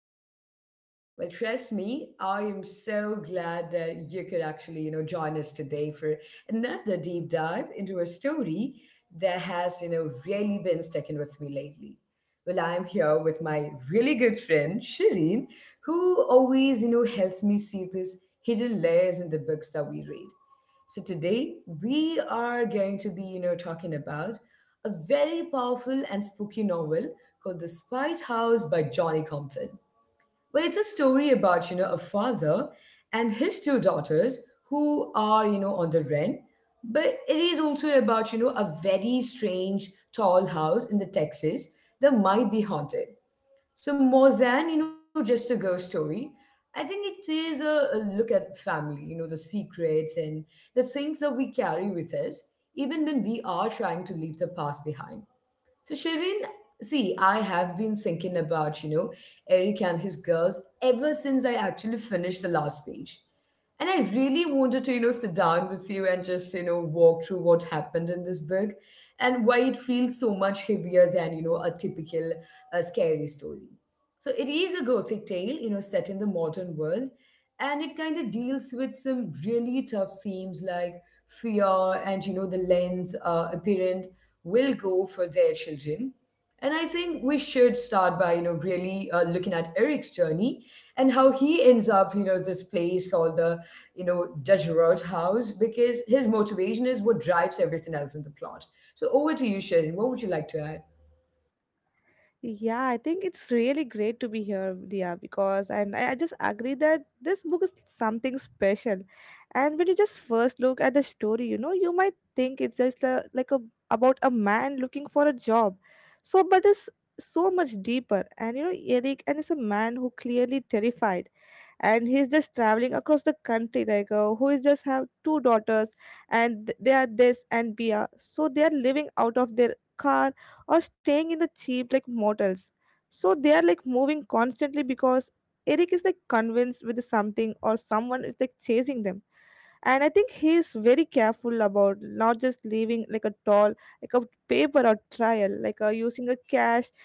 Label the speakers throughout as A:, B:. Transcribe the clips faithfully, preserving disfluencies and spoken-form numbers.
A: podcast. Well, trust me, I am so glad that you could actually, you know, join us today for another deep dive into a story that has, you know, really been sticking with me lately. Well, I'm here with my really good friend Shireen, who always, you know, helps me see these hidden layers in the books that we read. So today we are going to be, you know, talking about a very powerful and spooky novel called The Spite House by Johnny Compton. Well, it's a story about, you know, a father and his two daughters who are, you know, on the rent. But it is also about, you know, a very strange tall house in the Texas that might be haunted. So more than, you know, just a ghost story, I think it is a, a look at family, you know, the secrets and the things that we carry with us, even when we are trying to leave the past behind. So Shirin, see, I have been thinking about, you know, Eric and his girls ever since I actually finished the last page. And I really wanted to, you know, sit down with you and just, you know, walk through what happened in this book and why it feels so much heavier than, you know, a typical uh, scary story. So it is a gothic tale, you know, set in the modern world, and it kind of deals with some really tough themes like fear and you know the length uh, a parent will go for their children. And I think we should start by you know really uh, looking at Eric's journey and how he ends up you know this place called the you know Dutch Road House, because his motivation is what drives everything else in the plot. So over to you, Sharon. What would you like to add?
B: Yeah, I think it's really great to be here, Dia, because and I, I just agree that this book is something special. And when you just first look at the story, you know, you might think it's just a, like a about a man looking for a job. So, but it's so much deeper. And you know, Eric and is a man who clearly terrified, and he's just traveling across the country, like uh, who is just have two daughters, and they are this and Bia, so they are living out of their car or staying in the cheap like motels. So they are like moving constantly because Eric is like convinced with something or someone is like chasing them. And I think he is very careful about not just leaving like a doll, like a paper or trial, like uh, using a cash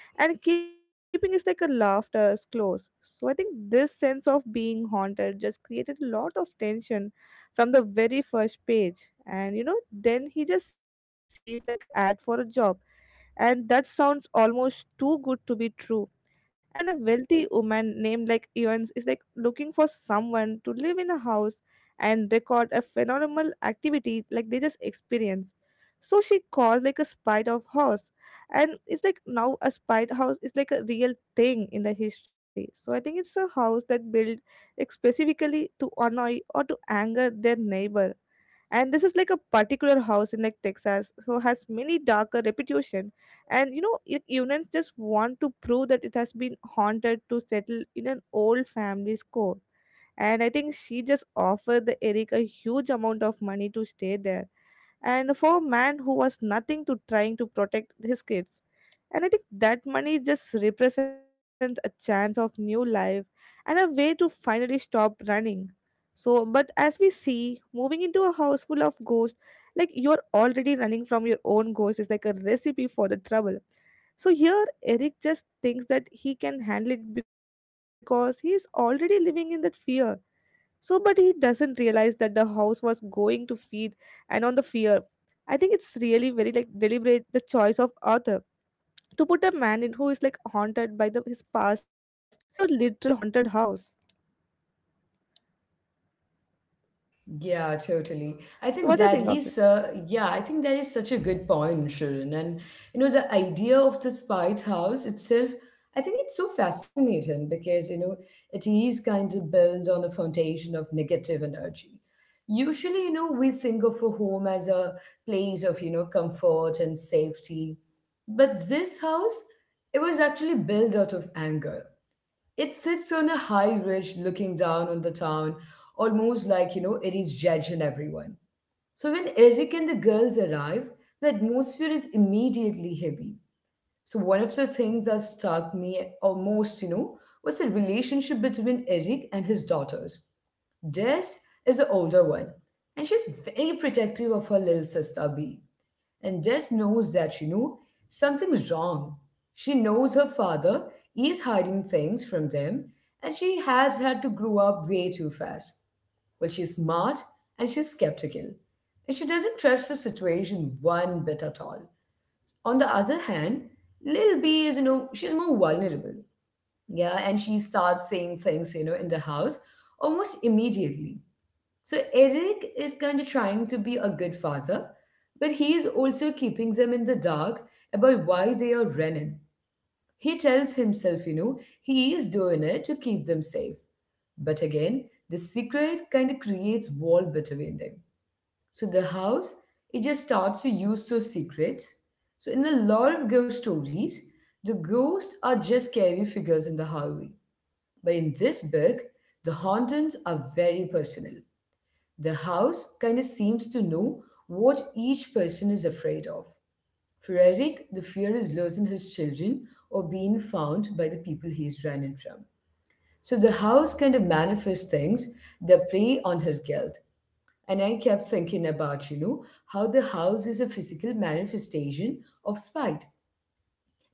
B: and keeping his like a laughter as close. So I think this sense of being haunted just created a lot of tension from the very first page. And you know, then he just sees like a ad for a job and that sounds almost too good to be true. And even a wealthy woman named like Eons is like looking for someone to live in a house and record a phenomenal activity like they just experience. So she calls like a spider house. And it's like now a spider house is like a real thing in the history. So I think it's a house that built like specifically to annoy or to anger their neighbor, and this is like a particular house in like Texas, so has many darker reputation. And you know, u- unans just want to prove that it has been haunted to settle in an old family score. And I think she just offered the Eric a huge amount of money to stay there, and for a man who was nothing to trying to protect his kids. And I think that money just represents a chance of new life and a way to finally stop running. So, but as we see, moving into a house full of ghosts, like you're already running from your own ghost, is like a recipe for the trouble. So here, Eric just thinks that he can handle it because he is already living in that fear. So, but he doesn't realize that the house was going to feed and on the fear. I think it's really very like deliberate the choice of author to put a man in who is like haunted by the his past into a literal haunted house.
A: Yeah, totally. I
B: So
A: think
B: what do you think
A: that
B: of it?
A: is, uh, yeah, I think that is such a good point, Sharon. And you know, the idea of the spite house itself, I think it's so fascinating because you know it is kind of built on a foundation of negative energy. Usually, you know, we think of a home as a place of you know comfort and safety, but this house, it was actually built out of anger. It sits on a high ridge looking down on the town, almost like, you know, Eric's judging everyone. So when Eric and the girls arrive, the atmosphere is immediately heavy. So one of the things that struck me almost, you know, was the relationship between Eric and his daughters. Des is the older one, and she's very protective of her little sister B, and Des knows that, you know, something's wrong. She knows her father is hiding things from them, and she has had to grow up way too fast. Well, she's smart and she's skeptical, and she doesn't trust the situation one bit at all. On the other hand, Lil B is, you know, she's more vulnerable. Yeah, and she starts saying things, you know, in the house almost immediately. So Eric is kind of trying to be a good father, but he is also keeping them in the dark about why they are running. He tells himself, you know, he is doing it to keep them safe. But again, the secret kind of creates wall between them. So the house, it just starts to use those secrets. So in a lot of ghost stories, the ghosts are just scary figures in the hallway. But in this book, the hauntings are very personal. The house kind of seems to know what each person is afraid of. For Eric, the fear is losing his children or being found by the people he's running from. So the house kind of manifests things that play on his guilt. And I kept thinking about, you know, how the house is a physical manifestation of spite,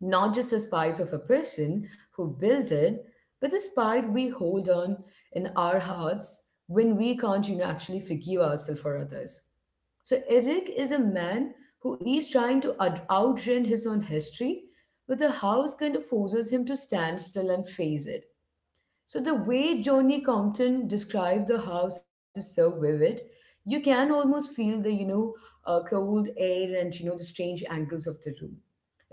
A: not just the spite of a person who built it, but the spite we hold on in our hearts when we can't, you know, actually forgive ourselves for others. So Eric is a man who is trying to out- outrun his own history, but the house kind of forces him to stand still and face it. So the way Johnny Compton described the house is so vivid. You can almost feel the, you know, uh, cold air and, you know, the strange angles of the room.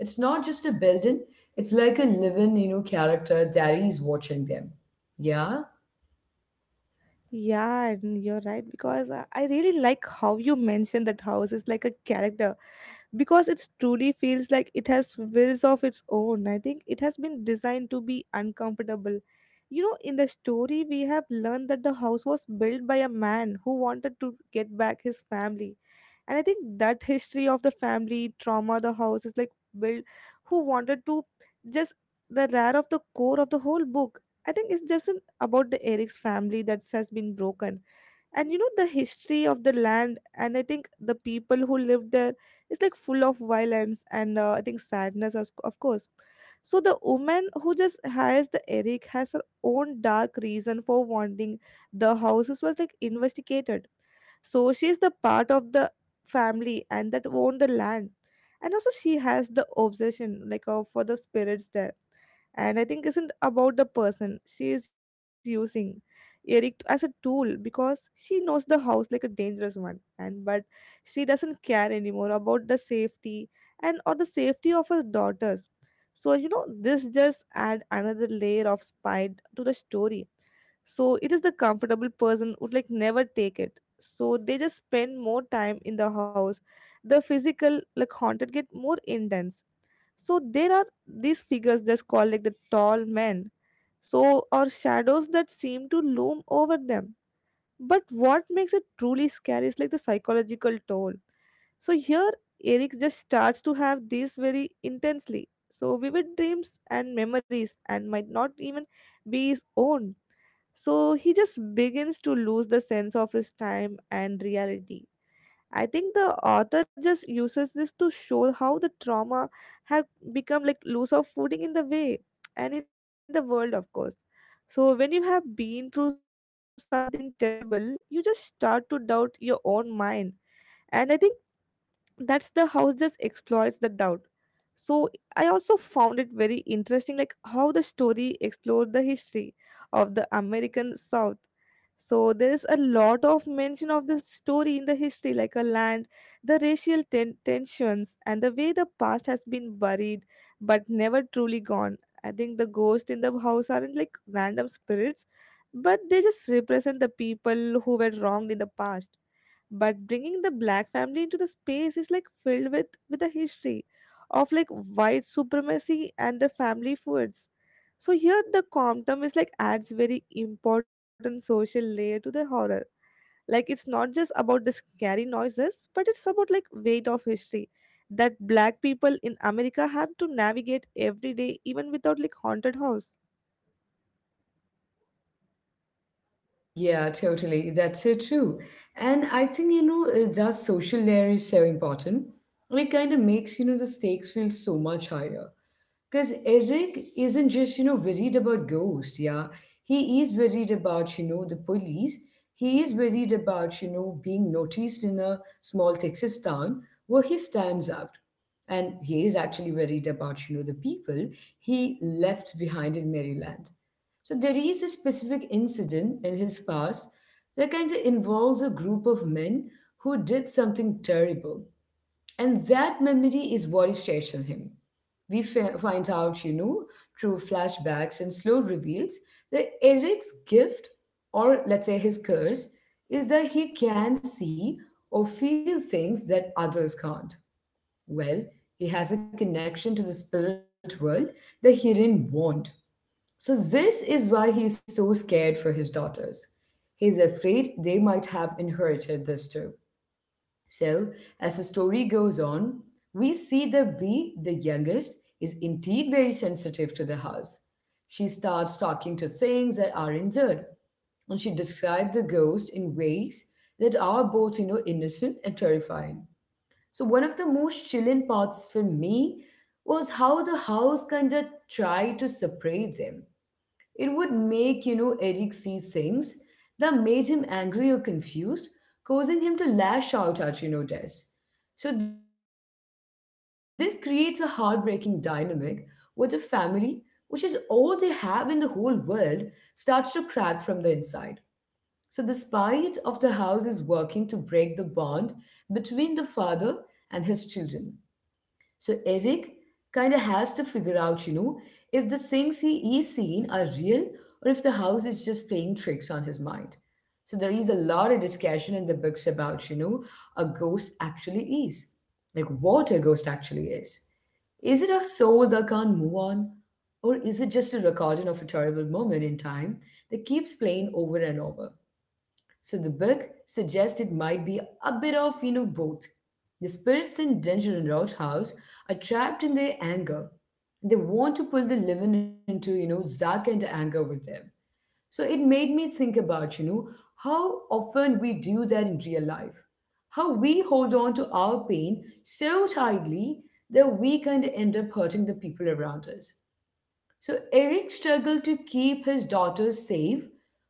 A: It's not just a building, it's like a living, you know, character that is watching them. Yeah,
B: Yeah, and you're right because I I really like how you mentioned that house is like a character because it truly feels like it has wills of its own. I think it has been designed to be uncomfortable. You know, in the story, we have learned that the house was built by a man who wanted to get back his family. And I think that history of the family trauma, the house is like built who wanted to just the rare of the core of the whole book. I think it's just an, about the Eric's family that has been broken, and you know the history of the land, and I think the people who lived there is like full of violence and uh, I think sadness as, of course. So the woman who just hires the Eric has her own dark reason for wanting the houses was like investigated. So she is the part of the family and that own the land, and also she has the obsession like uh, for the spirits there. And I think isn't about the person, she is using Eric as a tool because she knows the house like a dangerous one, and but she doesn't care anymore about the safety and or the safety of her daughters. So you know this just add another layer of spite to the story. So it is the comfortable person would like never take it. So they just spend more time in the house, the physical like haunted get more intense. So there are these figures just called like the tall men, so or shadows that seem to loom over them. But what makes it truly scary is like the psychological toll. So here Eric just starts to have these very intensely. So vivid dreams and memories and might not even be his own. So he just begins to lose the sense of his time and reality. I think the author just uses this to show how the trauma have become like loose of footing in the way and in the world, of course. So when you have been through something terrible, you just start to doubt your own mind. And I think that's the house just exploits the doubt. So I also found it very interesting like how the story explored the history of the American south. So there is a lot of mention of this story in the history like a land, the racial ten- tensions and the way the past has been buried but never truly gone. I think the ghosts in the house aren't like random spirits, but they just represent the people who were wronged in the past. But bringing the black family into the space is like filled with with a history of like white supremacy and the family feuds. So here the Compton is like adds very important social layer to the horror. Like it's not just about the scary noises, but it's about like weight of history that black people in America have to navigate every day, even without like haunted house.
A: yeah, totally. That's so true. And I think, you know, uh, that social layer is so important. And it kind of makes, you know, the stakes feel so much higher. Because Eric isn't just, you know, worried about ghosts, yeah. He is worried about, you know, the police. He is worried about, you know, being noticed in a small Texas town where he stands out. And he is actually worried about, you know, the people he left behind in Maryland. So there is a specific incident in his past that kind of involves a group of men who did something terrible. And that memory is what is chasing him. We fi- find out, you know, through flashbacks and slow reveals that Eric's gift, or let's say his curse, is that he can see or feel things that others can't. Well, he has a connection to the spirit world that he didn't want. So, this is why he's so scared for his daughters. He's afraid they might have inherited this too. So, as the story goes on, we see the bee, the youngest, is indeed very sensitive to the house. She starts talking to things that aren't there, and she describes the ghost in ways that are both, you know, innocent and terrifying. So, one of the most chilling parts for me was how the house kind of tried to separate them. It would make, you know, Eric see things that made him angry or confused, causing him to lash out at, you know, Des. So this creates a heartbreaking dynamic where the family, which is all they have in the whole world, starts to crack from the inside. So despite of the house is working to break the bond between the father and his children. So Eric kind of has to figure out, you know, if the things he is seeing are real or if the house is just playing tricks on his mind. So there is a lot of discussion in the books about, you know, a ghost actually is. Like what a ghost actually is. Is it a soul that can't move on? Or is it just a recording of a terrible moment in time that keeps playing over and over? So the book suggests it might be a bit of, you know, both. The spirits in Danger and Roadhouse are trapped in their anger. They want to pull the living into, you know, Zack and anger with them. So it made me think about, you know, how often we do that in real life. How we hold on to our pain so tightly that we kind of end up hurting the people around us. So Eric struggled to keep his daughters safe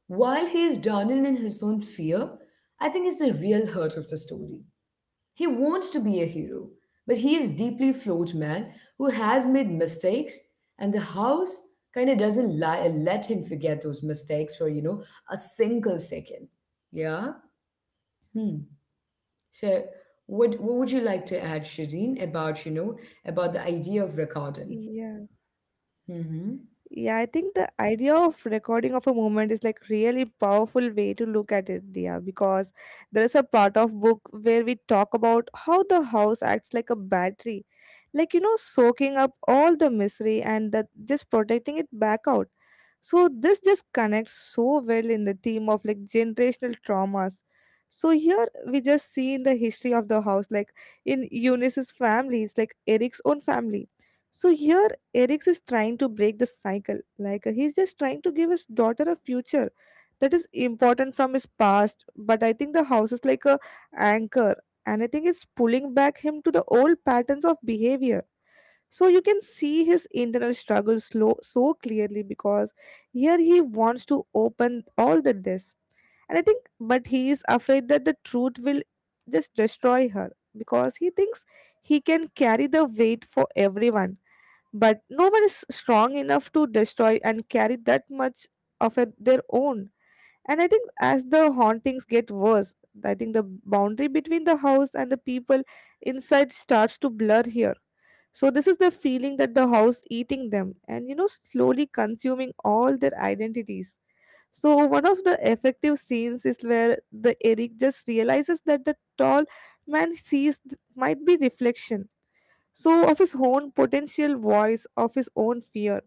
A: while he is drowning in his own fear. I think is the real hurt of the story. He wants to be a hero, but he is deeply flawed man who has made mistakes, and the house kind of doesn't lie and let him forget those mistakes for you know a single second. Yeah. Hmm. So what what would you like to add, Shireen, about you know about the idea of recording?
B: Yeah.
A: Mm-hmm.
B: Yeah, I think the idea of recording of a moment is like really powerful way to look at it, dear, because there is a part of book where we talk about how the house acts like a battery, like you know, soaking up all the misery and that just protecting it back out. So this just connects so well in the theme of like generational traumas. So here we just see in the history of the house, like in Eunice's family it's like Eric's own family. So here Eric is trying to break the cycle, like he's just trying to give his daughter a future that is important from his past. But I think the house is like a anchor, and I think it's pulling back him to the old patterns of behavior. So you can see his internal struggle slow so clearly because here he wants to open all the discs. And I think but he is afraid that the truth will just destroy her because he thinks he can carry the weight for everyone. But no one is strong enough to destroy and carry that much of a, their own. And I think as the hauntings get worse, I think the boundary between the house and the people inside starts to blur here. So this is the feeling that the house eating them and you know slowly consuming all their identities. So one of the effective scenes is where the Eric just realizes that the tall man sees th- might be reflection so of his own potential voice of his own fear.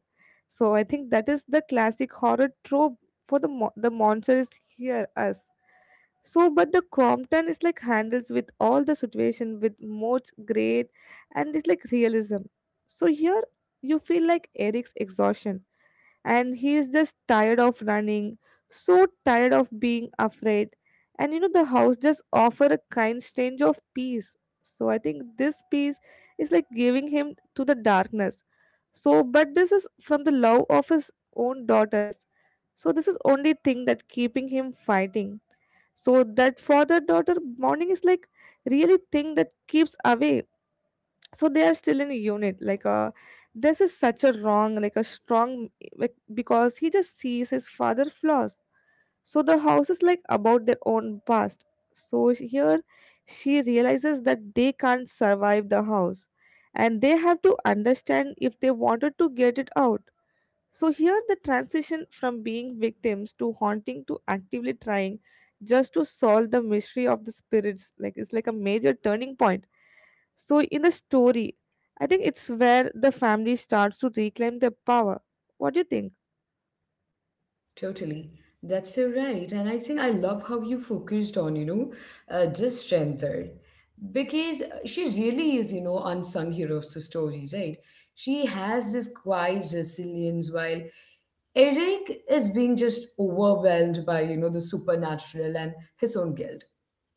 B: So I think that is the classic horror trope for the mo- the monster is here us. So but the Crompton is like handles with all the situation with much great, and it's like realism. So here you feel like Eric's exhaustion and he is just tired of running, so tired of being afraid. And you know, the house just offer a kind strange of peace. So I think this peace is like giving him to the darkness. So, but this is from the love of his own daughters. So this is only thing that keeping him fighting. So that father-daughter bonding is like really thing that keeps away. So they are still in a unit like uh this is such a wrong like a strong like because he just sees his father flaws. So the house is like about their own past. So sh- here she realizes that they can't survive the house, and they have to understand if they wanted to get it out. So here the transition from being victims to haunting to actively trying just to solve the mystery of the spirits like it's like a major turning point. So, in the story, I think it's where the family starts to reclaim their power. What do you think?
A: Totally. That's so right. And I think I love how you focused on, you know, uh, just strength there. Because she really is, you know, unsung hero of the story, right? She has this quiet resilience while Eric is being just overwhelmed by, you know, the supernatural and his own guilt.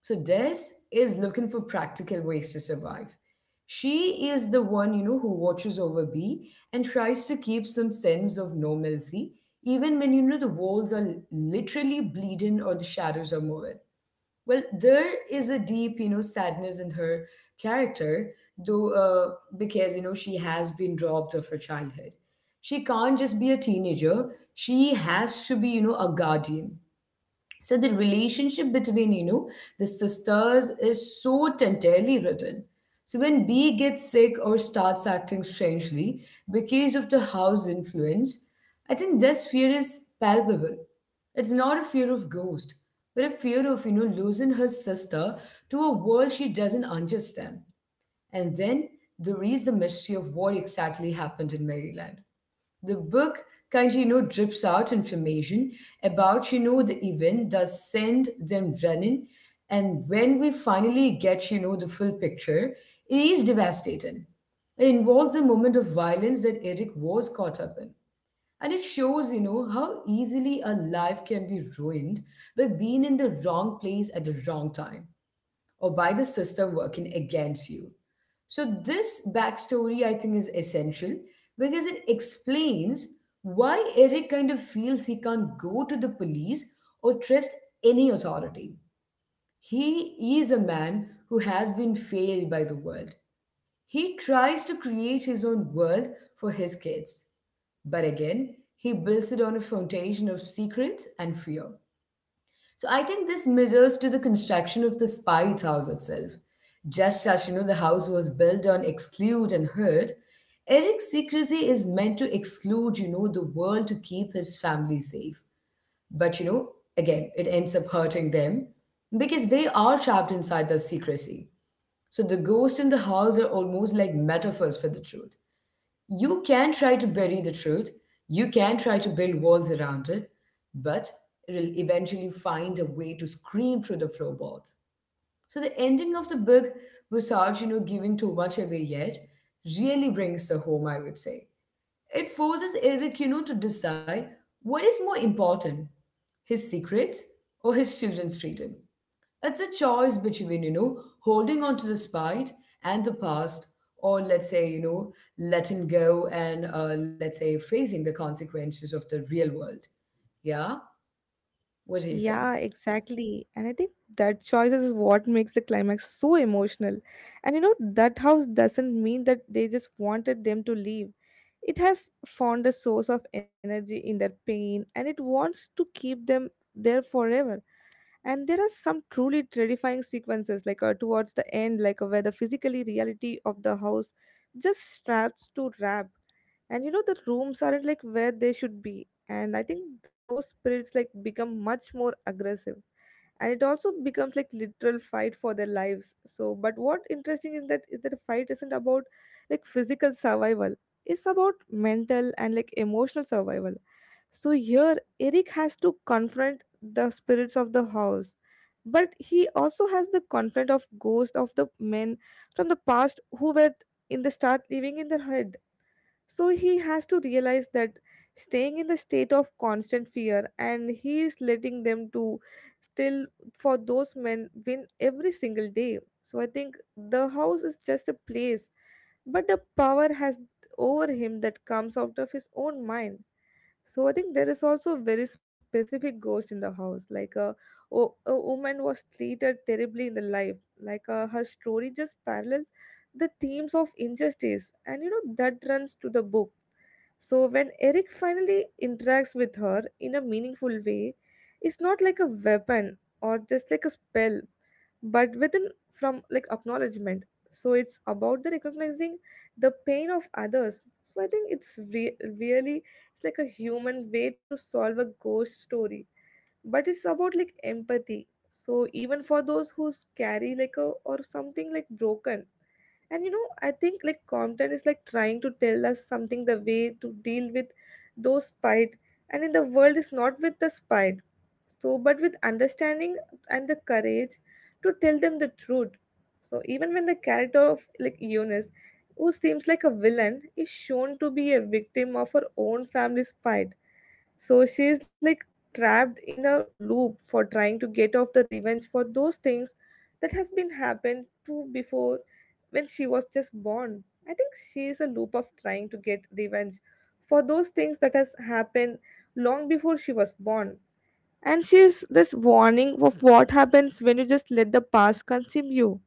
A: So Des is looking for practical ways to survive. She is the one, you know, who watches over B and tries to keep some sense of normalcy, even when, you know, the walls are literally bleeding or the shadows are moving. Well, there is a deep, you know, sadness in her character, though, uh, because, you know, she has been robbed of her childhood. She can't just be a teenager, she has to be, you know, a guardian. So the relationship between you know the sisters is so tenderly written. So when B gets sick or starts acting strangely because of the house influence, I think this fear is palpable. It's not a fear of ghost, but a fear of you know losing her sister to a world she doesn't understand. And then there is the mystery of what exactly happened in Maryland. The book kind of, you know, drips out information about, you know, the event, does send them running. And when we finally get, you know, the full picture, it is devastating. It involves a moment of violence that Eric was caught up in. And it shows, you know, how easily a life can be ruined by being in the wrong place at the wrong time, or by the system working against you. So this backstory, I think, is essential because it explains why Eric kind of feels he can't go to the police or trust any authority. He is a man who has been failed by the world. He tries to create his own world for his kids. But again, he builds it on a foundation of secrets and fear. So I think this mirrors to the construction of the Spice House itself. Just as you know, the house was built on exclude and hurt, Eric's secrecy is meant to exclude, you know, the world, to keep his family safe. But you know, again, it ends up hurting them because they are trapped inside the secrecy. So the ghosts in the house are almost like metaphors for the truth. You can try to bury the truth, you can try to build walls around it, but it'll eventually find a way to scream through the floorboards. So the ending of the book, without you know giving too much away yet, really brings the home, I would say. It forces Eric, you know, to decide what is more important, his secrets or his children's freedom. It's a choice between, you know, holding on to the spite and the past, or let's say, you know, letting go and uh, let's say facing the consequences of the real world. Yeah? What do you think?
B: Yeah, exactly. And I think that choice is what makes the climax so emotional. And you know, that house doesn't mean that they just wanted them to leave. It has found a source of energy in their pain and it wants to keep them there forever. And there are some truly terrifying sequences like uh, towards the end like uh, where the physically reality of the house just straps to wrap. And you know the rooms aren't like where they should be, and I think those spirits like become much more aggressive, and it also becomes like literal fight for their lives. So but what interesting in that is that the fight isn't about like physical survival, it's about mental and like emotional survival. So here, Eric has to confront the spirits of the house, but he also has the confront of ghosts of the men from the past who were in the start living in their head. So he has to realize that staying in the state of constant fear, and he is letting them to still for those men win every single day. So I think the house is just a place, but the power has over him that comes out of his own mind. So I think there is also a very specific ghost in the house. Like a, wo- a woman was treated terribly in the life. Like uh, her story just parallels the themes of injustice, and you know that runs to the book. So when Eric finally interacts with her in a meaningful way, it's not like a weapon or just like a spell, but within from like acknowledgement. So it's about the recognizing the pain of others. So I think it's re- really it's like a human way to solve a ghost story, but it's about like empathy, so even for those who carry like a or something like broken. And you know, I think like Compton is like trying to tell us something the way to deal with those spite, and in the world is not with the spite, so but with understanding and the courage to tell them the truth. So even when the character of like Eunice, who seems like a villain, is shown to be a victim of her own family's spite, so she's like trapped in a loop for trying to get off the revenge for those things that has been happened to before when she was just born. I think she is a loop of trying to get revenge for those things that has happened long before she was born. And she is this warning of what happens when you just let the past consume you.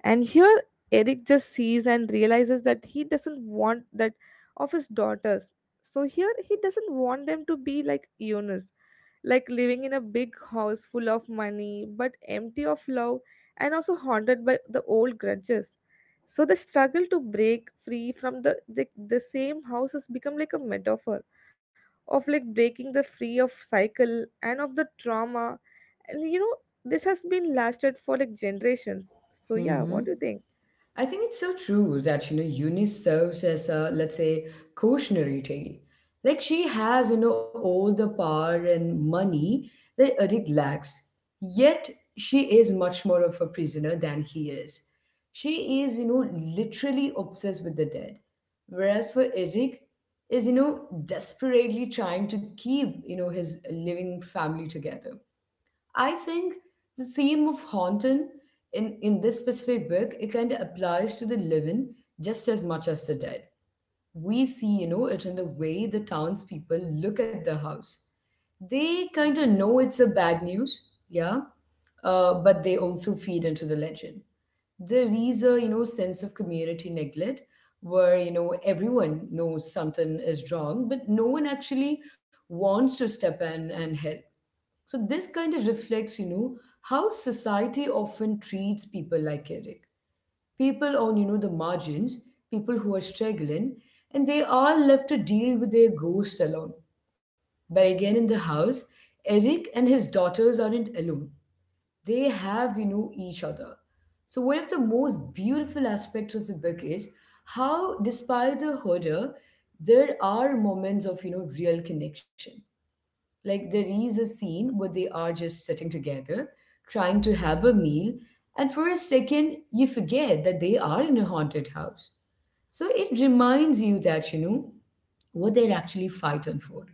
B: And here, Eric just sees and realizes that he doesn't want that of his daughters. So here, he doesn't want them to be like Eunice, like living in a big house full of money but empty of love and also haunted by the old grudges. So the struggle to break free from the, the, the same house has become like a metaphor of like breaking the free of cycle and of the trauma. And you know this has been lasted for like generations. So yeah,
A: Mm-hmm.
B: what do you think?
A: I think it's so true that you know Eunice serves as a, let's say, cautionary tale. Like she has you know all the power and money that Eric lacks, yet she is much more of a prisoner than he is. She is you know literally obsessed with the dead, whereas for Eric is you know desperately trying to keep you know his living family together. I think the theme of haunting in, in this specific book, it kind of applies to the living just as much as the dead. We see, you know, it in the way the townspeople look at the house. They kind of know it's a bad news, yeah, uh, but they also feed into the legend. There is a, you know, sense of community neglect where, you know, everyone knows something is wrong, but no one actually wants to step in and help. So this kind of reflects, you know, how society often treats people like Eric. People on, you know, the margins, people who are struggling, and they are left to deal with their ghost alone. But again, in the house, Eric and his daughters aren't alone. They have, you know, each other. So one of the most beautiful aspects of the book is how, despite the horror, there are moments of, you know, real connection, like there is a scene where they are just sitting together, trying to have a meal, and for a second you forget that they are in a haunted house. So it reminds you that, you know, what they're actually fighting for.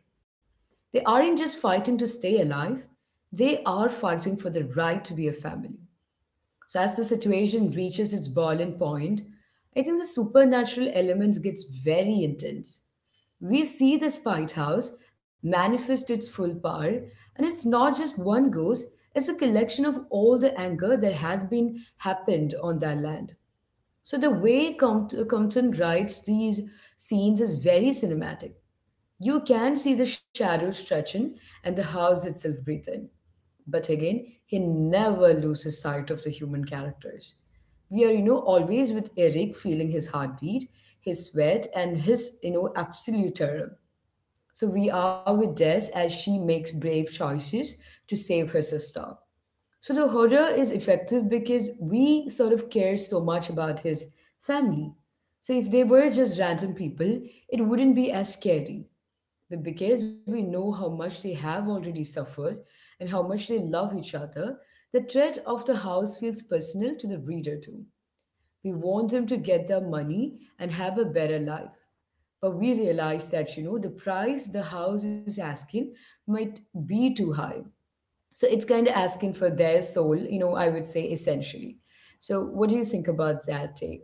A: They aren't just fighting to stay alive, they are fighting for the right to be a family. So as the situation reaches its boiling point, I think the supernatural elements gets very intense. We see the Spite House manifest its full power, and it's not just one ghost, it's a collection of all the anger that has been happened on that land. So the way Compt- Compton writes these scenes is very cinematic. You can see the shadows stretching and the house itself breathe in. But again, he never loses sight of the human characters. We are, you know, always with Eric feeling his heartbeat, his sweat, and his, you know, absolute terror. So we are with Des as she makes brave choices to save her sister. So the horror is effective because we sort of care so much about his family. So if they were just random people, it wouldn't be as scary. But because we know how much they have already suffered and how much they love each other, the threat of the house feels personal to the reader too. We want them to get their money and have a better life. But we realize that, you know, the price the house is asking might be too high. So it's kind of asking for their soul, you know, I would say essentially. So what do you think about that take?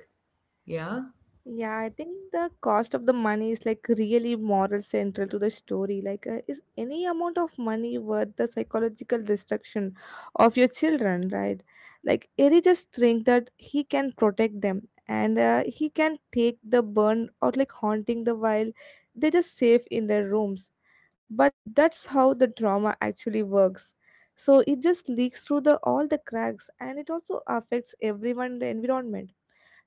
A: Yeah.
B: Yeah, I think the cost of the money is like really moral central to the story. Like, uh, is any amount of money worth the psychological destruction of your children, right? Like, Eri just think that he can protect them, and uh, he can take the burn out, like haunting the while they're just safe in their rooms. But that's how the drama actually works. So it just leaks through the all the cracks, and it also affects everyone in the environment.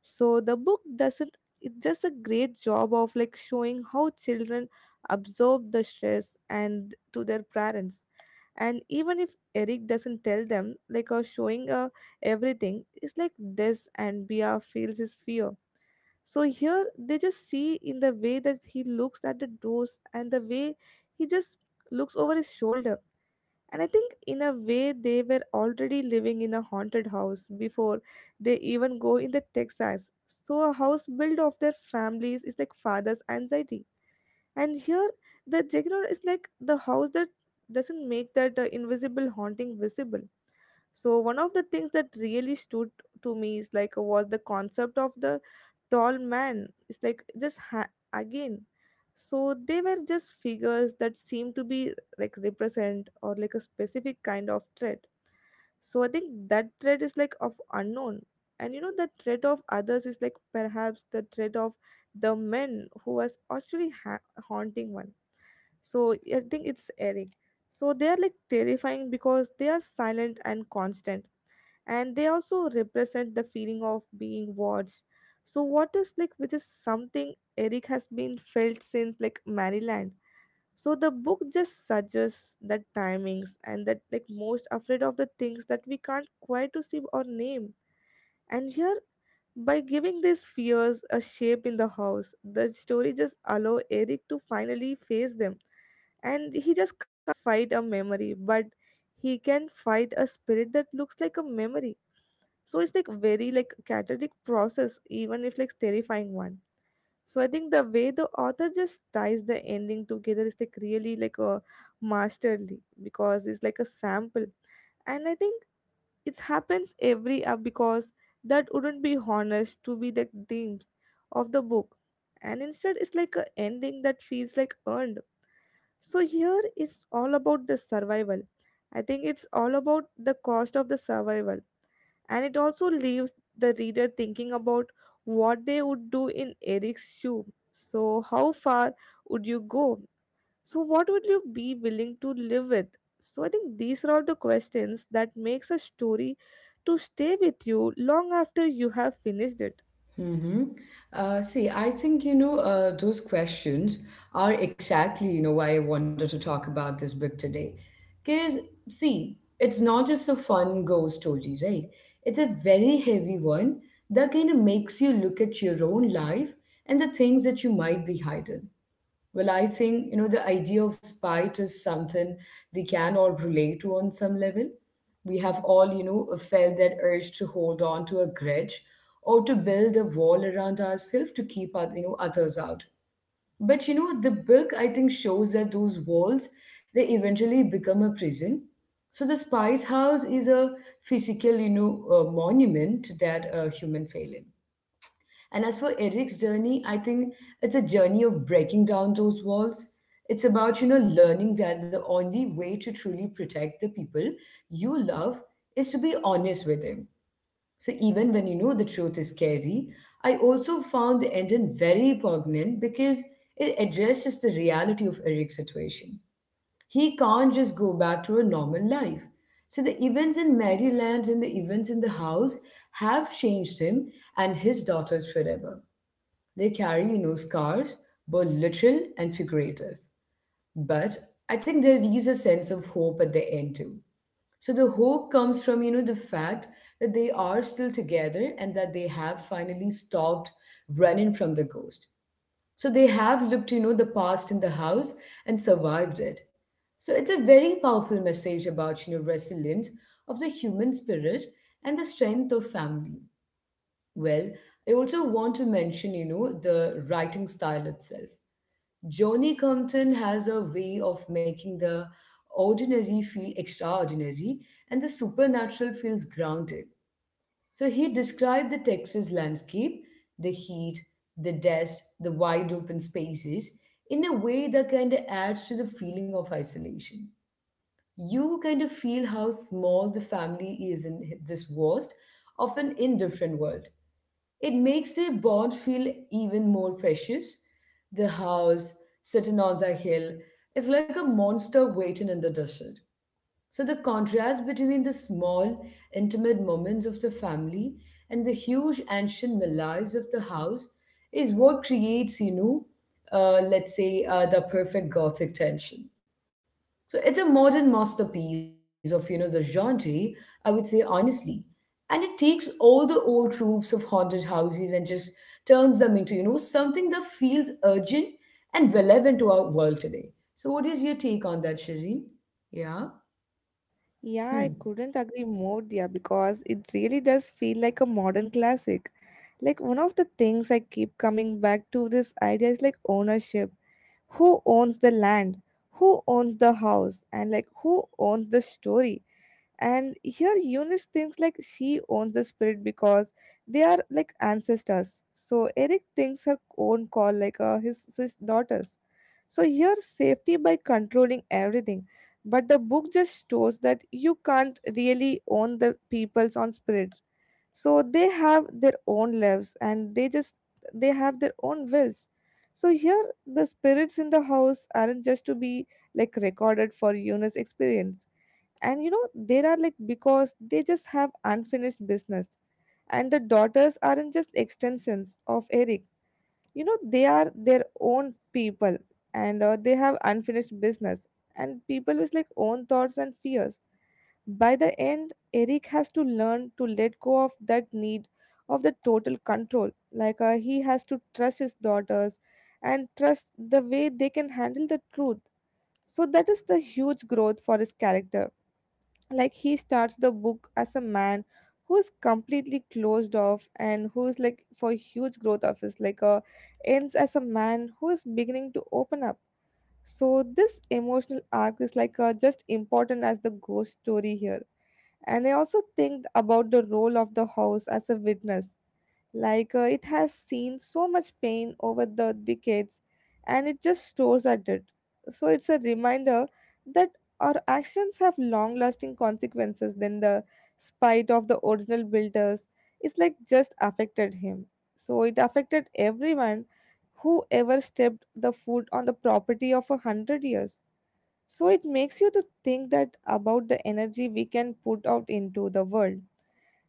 B: So the book doesn't, it just a great job of like showing how children absorb the stress and to their parents. And even if Eric doesn't tell them like or showing uh, everything it's like this and Bia feels his fear. So here they just see in the way that he looks at the doors and the way he just looks over his shoulder. And I think, in a way, they were already living in a haunted house before they even go in the Texas. So, a house built of their families is like father's anxiety. And here, the Jagannath is like the house that doesn't make that uh, invisible haunting visible. So one of the things that really stood to me is like was the concept of the tall man. It's like just ha- again. So they were just figures that seemed to be like represent or like a specific kind of threat. So I think that threat is like of unknown. And you know the threat of others is like perhaps the threat of the men who was actually ha- haunting one. So I think it's Eric. So they are like terrifying because they are silent and constant, and they also represent the feeling of being watched. So what is like, which is something Eric has been felt since like Maryland. So the book just suggests that timings and that like most afraid of the things that we can't quite to see or name. And here by giving these fears a shape in the house, the story just allow Eric to finally face them. And he just can't fight a memory, but he can fight a spirit that looks like a memory. So it's like very like cathartic process even if like terrifying one. So I think the way the author just ties the ending together is like really like a masterly because it's like a sample. And I think it happens every hour because that wouldn't be honest to be the themes of the book. And instead it's like a ending that feels like earned. So here it's all about the survival. I think it's all about the cost of the survival. And it also leaves the reader thinking about what they would do in Eric's shoe. So, how far would you go? So, what would you be willing to live with? So, I think these are all the questions that makes a story to stay with you long after you have finished it.
A: Mm-hmm. Uh, see, I think, you know, uh, those questions are exactly, you know, why I wanted to talk about this book today. Because, see, it's not just a fun ghost story, right? It's a very heavy one that kind of makes you look at your own life and the things that you might be hiding. Well, I think, you know, the idea of spite is something we can all relate to on some level. We have all, you know, felt that urge to hold on to a grudge or to build a wall around ourselves to keep our, you know, others out. But you know, the book, I think, shows that those walls, they eventually become a prison. So the spite house is a physical, you know, uh, monument to that uh, human failing. And as for Eric's journey, I think it's a journey of breaking down those walls. It's about, you know, learning that the only way to truly protect the people you love is to be honest with them. So even when you know the truth is scary, I also found the ending very poignant because it addresses the reality of Eric's situation. He can't just go back to a normal life. So the events in Maryland and the events in the house have changed him and his daughters forever. They carry, you know, scars, both literal and figurative. But I think there is a sense of hope at the end too. So the hope comes from, you know, the fact that they are still together and that they have finally stopped running from the ghost. So they have looked, you know, the past in the house and survived it. So it's a very powerful message about, you know, resilience of the human spirit and the strength of family. Well, I also want to mention, you know, the writing style itself. Johnny Compton has a way of making the ordinary feel extraordinary and the supernatural feels grounded. So he described the Texas landscape, the heat, the dust, the wide open spaces in a way that kind of adds to the feeling of isolation. You kind of feel how small the family is in this vast, often indifferent world. It makes their bond feel even more precious. The house, sitting on the hill, is like a monster waiting in the desert. So the contrast between the small, intimate moments of the family and the huge ancient malaise of the house is what creates, you know, uh, let's say, uh, the perfect gothic tension. So it's a modern masterpiece of you know the genre, I would say honestly, and it takes all the old tropes of haunted houses and just turns them into you know something that feels urgent and relevant to our world today. So what is your take on that, Shireen? Yeah.
B: Yeah, I
A: Hmm.
B: couldn't agree more, dear, because it really does feel like a modern classic. Like one of the things I keep coming back to this idea is like ownership, who owns the land, who owns the house, and like who owns the story. And here Eunice thinks like she owns the spirit because they are like ancestors. So Eric thinks her own call like uh, his, his daughters. So here safety by controlling everything, but the book just shows that you can't really own the peoples on spirit. So they have their own lives, and they just they have their own wills. So here the spirits in the house aren't just to be like recorded for Yuna's experience. And you know they are like because they just have unfinished business. And the daughters aren't just extensions of Eric, you know they are their own people. And uh, they have unfinished business and people with like own thoughts and fears. By the end, Eric has to learn to let go of that need of the total control. Like uh, he has to trust his daughters and trust the way they can handle the truth. So that is the huge growth for his character. Like he starts the book as a man who is completely closed off and who is like for huge growth of his like uh, ends as a man who is beginning to open up. So this emotional arc is like uh, just important as the ghost story here. And I also think about the role of the house as a witness. Like uh, it has seen so much pain over the decades, and it just stores at it. So it's a reminder that our actions have long lasting consequences than the spite of the original builders. It's like just affected him. So it affected everyone who ever stepped the foot on the property of a hundred years. So it makes you to think that about the energy we can put out into the world.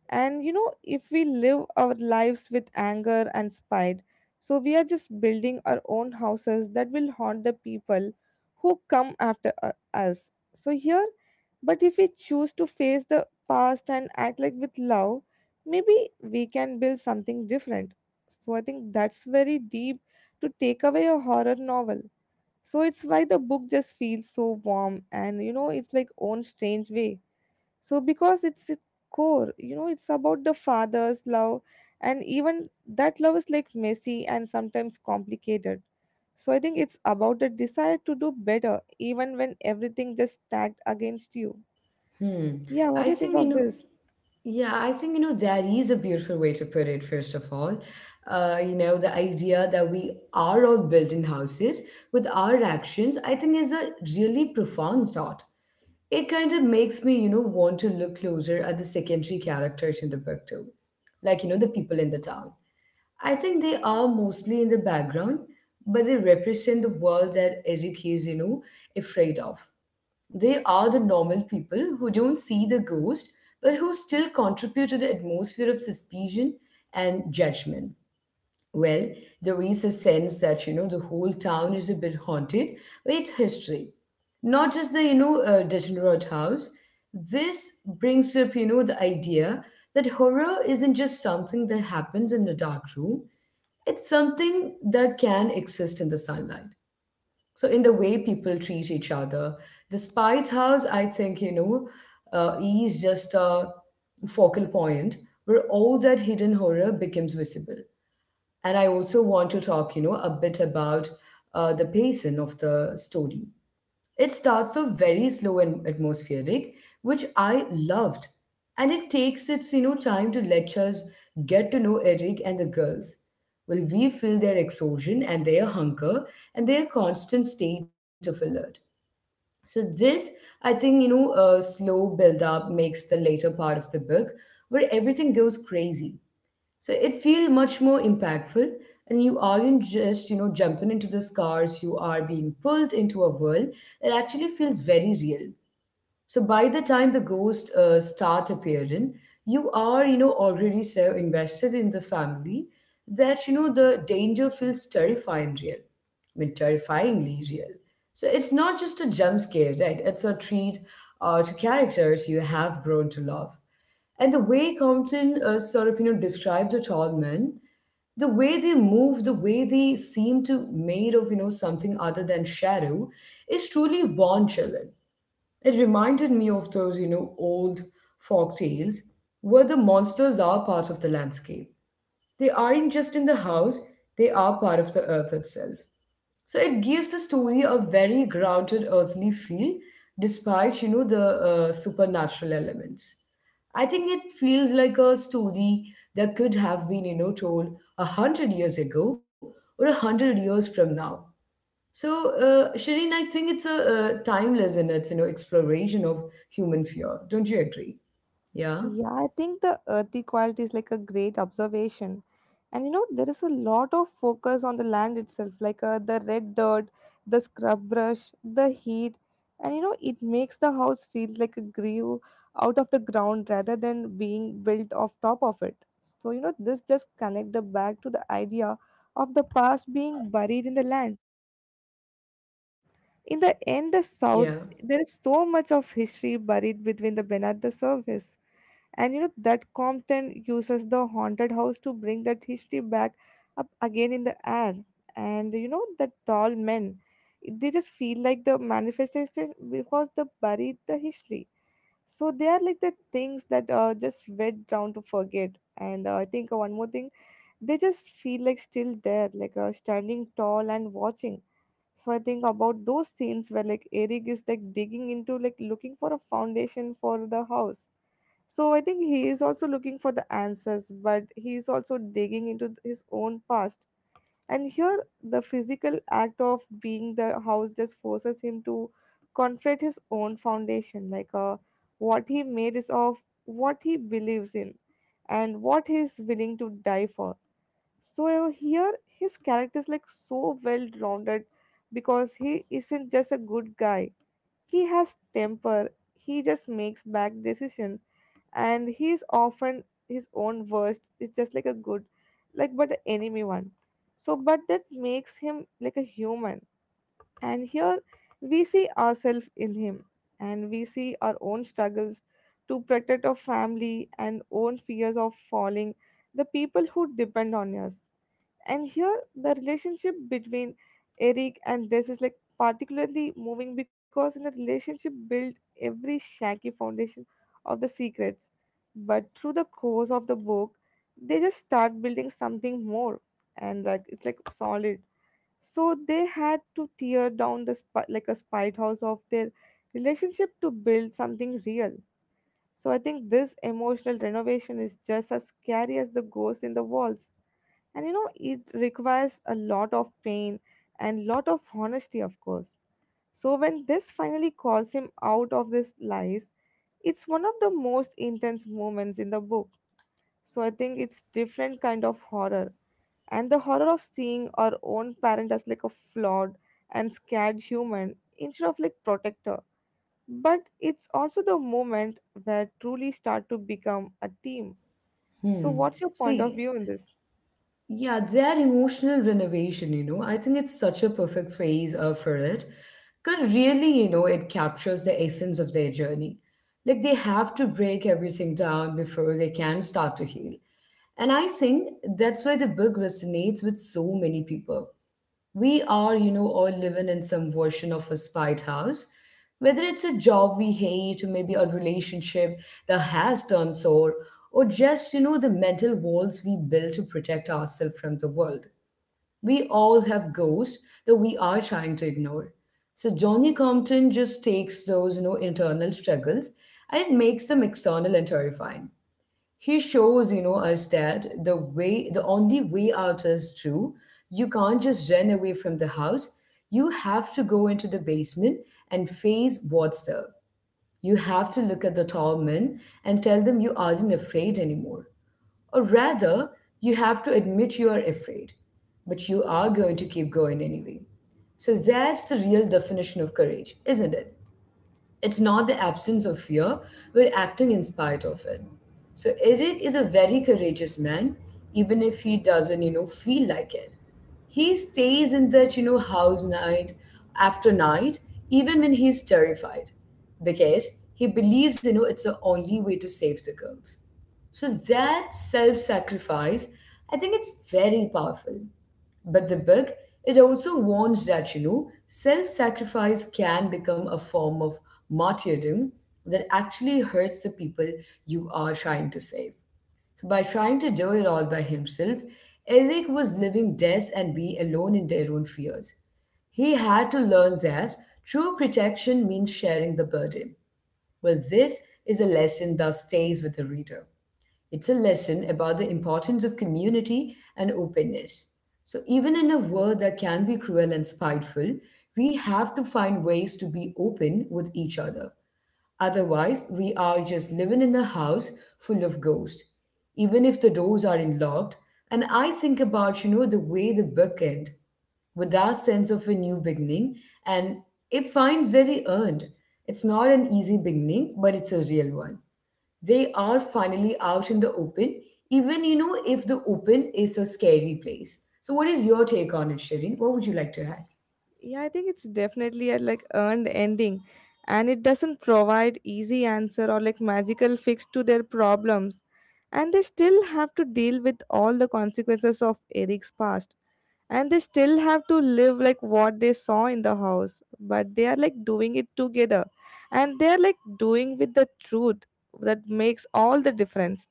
B: And you know, if we live our lives with anger and spite, so we are just building our own houses that will haunt the people who come after u- us. So here, but if we choose to face the past and act like with love, maybe we can build something different. So I think that's very deep to take away a horror novel. So it's why the book just feels so warm and you know it's like own strange way. So because it's a core, you know, it's about the father's love, and even that love is like messy and sometimes complicated. So I think it's about the desire to do better even when everything just stacked against you.
A: Hmm.
B: Yeah, what do
A: I
B: you think
A: think, you
B: of
A: know,
B: this?
A: yeah, I think, you know, that is a beautiful way to put it, first of all. Uh, you know, the idea that we are all building houses with our actions, I think, is a really profound thought. It kind of makes me, you know, want to look closer at the secondary characters in the book, too. Like, you know, the people in the town. I think they are mostly in the background, but they represent the world that Eric is, you know, afraid of. They are the normal people who don't see the ghost, but who still contribute to the atmosphere of suspicion and judgment. Well, there is a sense that, you know, the whole town is a bit haunted by its history. Not just the, you know, uh, degenerate house. This brings up, you know, the idea that horror isn't just something that happens in the dark room. It's something that can exist in the sunlight, so in the way people treat each other. The spite house, I think, you know uh, E is just a focal point where all that hidden horror becomes visible. And I also want to talk, you know a bit about uh, the pacing of the story. It starts off very slow and atmospheric, which I loved. And it takes its, you know, time to let us get to know Eric and the girls. Well, we feel their exhaustion and their hunger and their constant state of alert. So this, I think, you know, uh, slow build-up makes the later part of the book where everything goes crazy, so it feels much more impactful, and you aren't just you know jumping into the scars. You are being pulled into a world that actually feels very real. So by the time the ghosts uh, start appearing, you are, you know, already so invested in the family that, you know, the danger feels terrifying real. I mean, terrifyingly real. So it's not just a jump scare, right? It's a treat uh, to characters you have grown to love. And the way Compton uh, sort of, you know, described the tall men, the way they move, the way they seem to made of, you know, something other than shadow is truly born chilling. It reminded me of those, you know, old folk tales where the monsters are part of the landscape. They aren't just in the house, they are part of the earth itself. So it gives the story a very grounded, earthly feel despite, you know, the uh, supernatural elements. I think it feels like a story that could have been, you know, told a hundred years ago or a hundred years from now. So, uh, Shireen, I think it's a, uh timeless in its you know exploration of human fear. Don't you agree? Yeah,
B: Yeah, I think the earthy quality is like a great observation. And you know, there is a lot of focus on the land itself, like uh, the red dirt, the scrub brush, the heat. And you know, it makes the house feel like a grew out of the ground rather than being built off top of it. So, you know, this just connect the back to the idea of the past being buried in the land. In the end, the south,
A: yeah.
B: there is so much of history buried between the beneath the surface, and you know that Compton uses the haunted house to bring that history back up again in the air. And you know the tall men, they just feel like the manifestation because they buried the history. So they are like the things that are just wet down to forget. And uh, I think one more thing, they just feel like still there, like uh, standing tall and watching. So I think about those scenes where like Eric is like digging into like looking for a foundation for the house, so I think he is also looking for the answers, but he is also digging into th- his own past. And here, the physical act of being the house just forces him to confront his own foundation, like uh, what he made is of what he believes in and what he is willing to die for. So here, his character is like so well rounded because he isn't just a good guy. He has temper. He just makes bad decisions, and he's often his own worst, it's just like a good like but an enemy one. So but that makes him like a human, and here we see ourselves in him and we see our own struggles to protect our family and own fears of falling the people who depend on us. And here, the relationship between Eric and this is like particularly moving because in a relationship built every shaky foundation of the secrets. But through the course of the book, they just start building something more, and like it's like solid. So they had to tear down the sp- like a spite house of their relationship to build something real. So I think this emotional renovation is just as scary as the ghost in the walls, and you know it requires a lot of pain and lot of honesty of course. So when this finally calls him out of this lies, it's one of the most intense moments in the book. So I think it's different kind of horror, and the horror of seeing our own parent as like a flawed and scared human instead of like protector, but it's also the moment where truly start to become a team. So
A: Hmm.
B: what's your point of
A: See,
B: view in this?
A: yeah, that emotional renovation. You know, I think it's such a perfect phrase uh, for it. Because really, you know, it captures the essence of their journey. Like, they have to break everything down before they can start to heal. And I think that's why the book resonates with so many people. We are, you know, all living in some version of a spite house. Whether it's a job we hate, or maybe a relationship that has turned sour, or just, you know, the mental walls we build to protect ourselves from the world. We all have ghosts that we are trying to ignore. So Johnny Compton just takes those, you know, internal struggles and it makes them external and terrifying. He shows you know us that the way the only way out is through. You can't just run away from the house. You have to go into the basement and face what's there. You have to look at the tall men and tell them you aren't afraid anymore. Or rather, you have to admit you are afraid, but you are going to keep going anyway. So that's the real definition of courage, isn't it? It's not the absence of fear, we're acting in spite of it. So Eric is a very courageous man, even if he doesn't, you know, feel like it. He stays in that, you know, house night after night, even when he's terrified, because he believes, you know, it's the only way to save the girls. So that self sacrifice, I think it's very powerful. But the book, it also warns that, you know, self sacrifice can become a form of martyrdom that actually hurts the people you are trying to save. So, by trying to do it all by himself, Eric was living death and being alone in their own fears. He had to learn that true protection means sharing the burden. Well, this is a lesson that stays with the reader. It's a lesson about the importance of community and openness. So, even in a world that can be cruel and spiteful, we have to find ways to be open with each other. Otherwise, we are just living in a house full of ghosts, even if the doors aren't locked. And I think about, you know, the way the book ends, with that sense of a new beginning, and it finds very earned. It's not an easy beginning, but it's a real one. They are finally out in the open, even you know if the open is a scary place. So, what is your take on it, Shirin? What would you like to add?
B: Yeah, I think it's definitely a like earned ending, and it doesn't provide easy answer or like magical fix to their problems, and they still have to deal with all the consequences of Eric's past, and they still have to live like what they saw in the house, but they are like doing it together, and they are like doing with the truth that makes all the difference.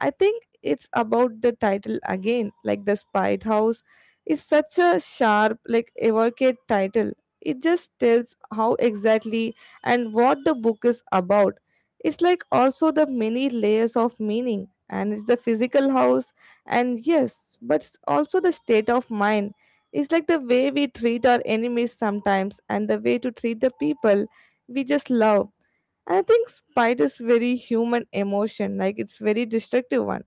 B: I think it's about the title again, like the spite house is such a sharp like evocative title. It just tells how exactly and what the book is about. It's like also the many layers of meaning, and it's the physical house, and yes, but it's also the state of mind. It's like the way we treat our enemies sometimes and the way to treat the people we just love. And I think spite is very human emotion, like it's very destructive one.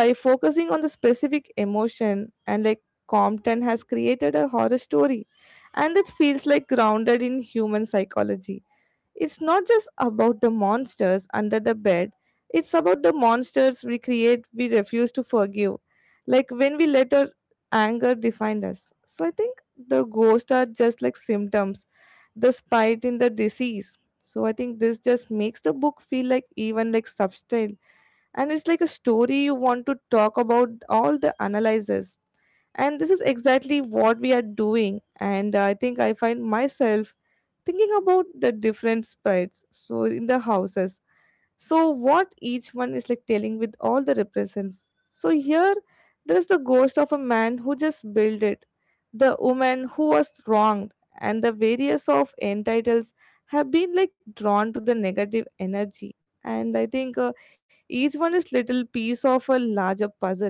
B: By focusing on the specific emotion and like Compton has created a horror story, and it feels like grounded in human psychology. It's not just about the monsters under the bed, it's about the monsters we create, we refuse to forgive. Like when we let our anger define us. So I think the ghosts are just like symptoms, the spite in the disease. So I think this just makes the book feel like even like substance. And it's like a story you want to talk about all the analyzes. And this is exactly what we are doing. And I think I find myself thinking about the different sprites so in the houses, so what each one is like telling with all the represents. So here there is the ghost of a man who just built it, the woman who was wronged, and the various of entitles have been like drawn to the negative energy. And i think uh, each one is little piece of a larger puzzle,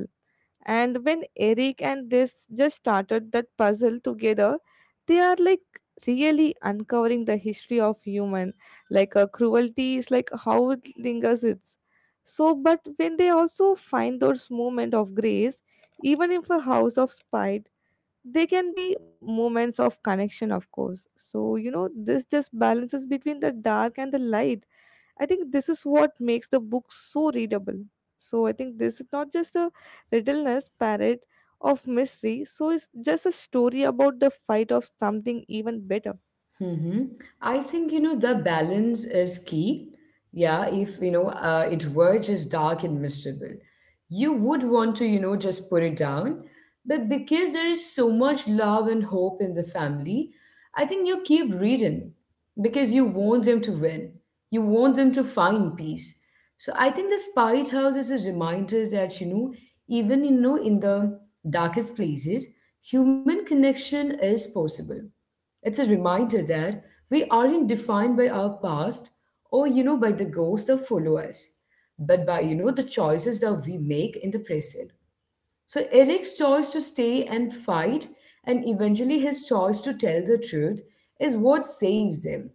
B: and when Eric and this just started that puzzle together, they are like really uncovering the history of human. Like a cruelty is like how it lingers it's. So but when they also find those moments of grace, even if a house of spite, they can be moments of connection of course. So you know this just balances between the dark and the light. I think this is what makes the book so readable. So I think this is not just a riddleness parrot of mystery, so it's just a story about the fight of something even better.
A: Mm-hmm. I think, you know, the balance is key. Yeah, if, you know, uh, it were just dark and miserable, you would want to, you know, just put it down. But because there is so much love and hope in the family, I think you keep reading because you want them to win. You want them to find peace. So I think the Spirit House is a reminder that, you know, even, you know, in the darkest places, human connection is possible. It's a reminder that we aren't defined by our past or, you know, by the ghosts that follow us, but by, you know, the choices that we make in the present. So Eric's choice to stay and fight, and eventually his choice to tell the truth, is what saves him.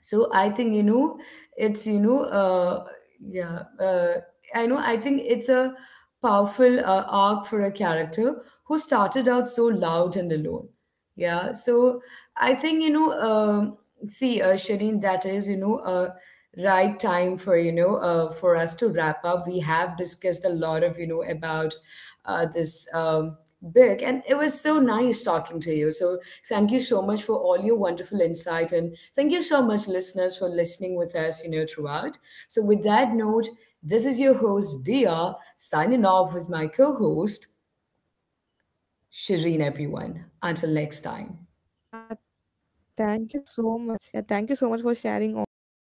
A: So I think you know it's you know uh yeah uh I know I think it's a powerful uh, arc for a character who started out so loud and alone. Yeah. So I think, you know um see, uh Shireen, that is you know uh right time for you know uh, for us to wrap up. We have discussed a lot of you know about uh, this um, book, and it was so nice talking to you. So thank you so much for all your wonderful insight, and thank you so much listeners for listening with us you know throughout. So with that note, this is your host Dia signing off with my co-host Shireen. Everyone,
B: Yeah,
A: until next time.
B: thank you so much. Yeah, thank you so much for sharing all your thoughts, and I s- feel really excited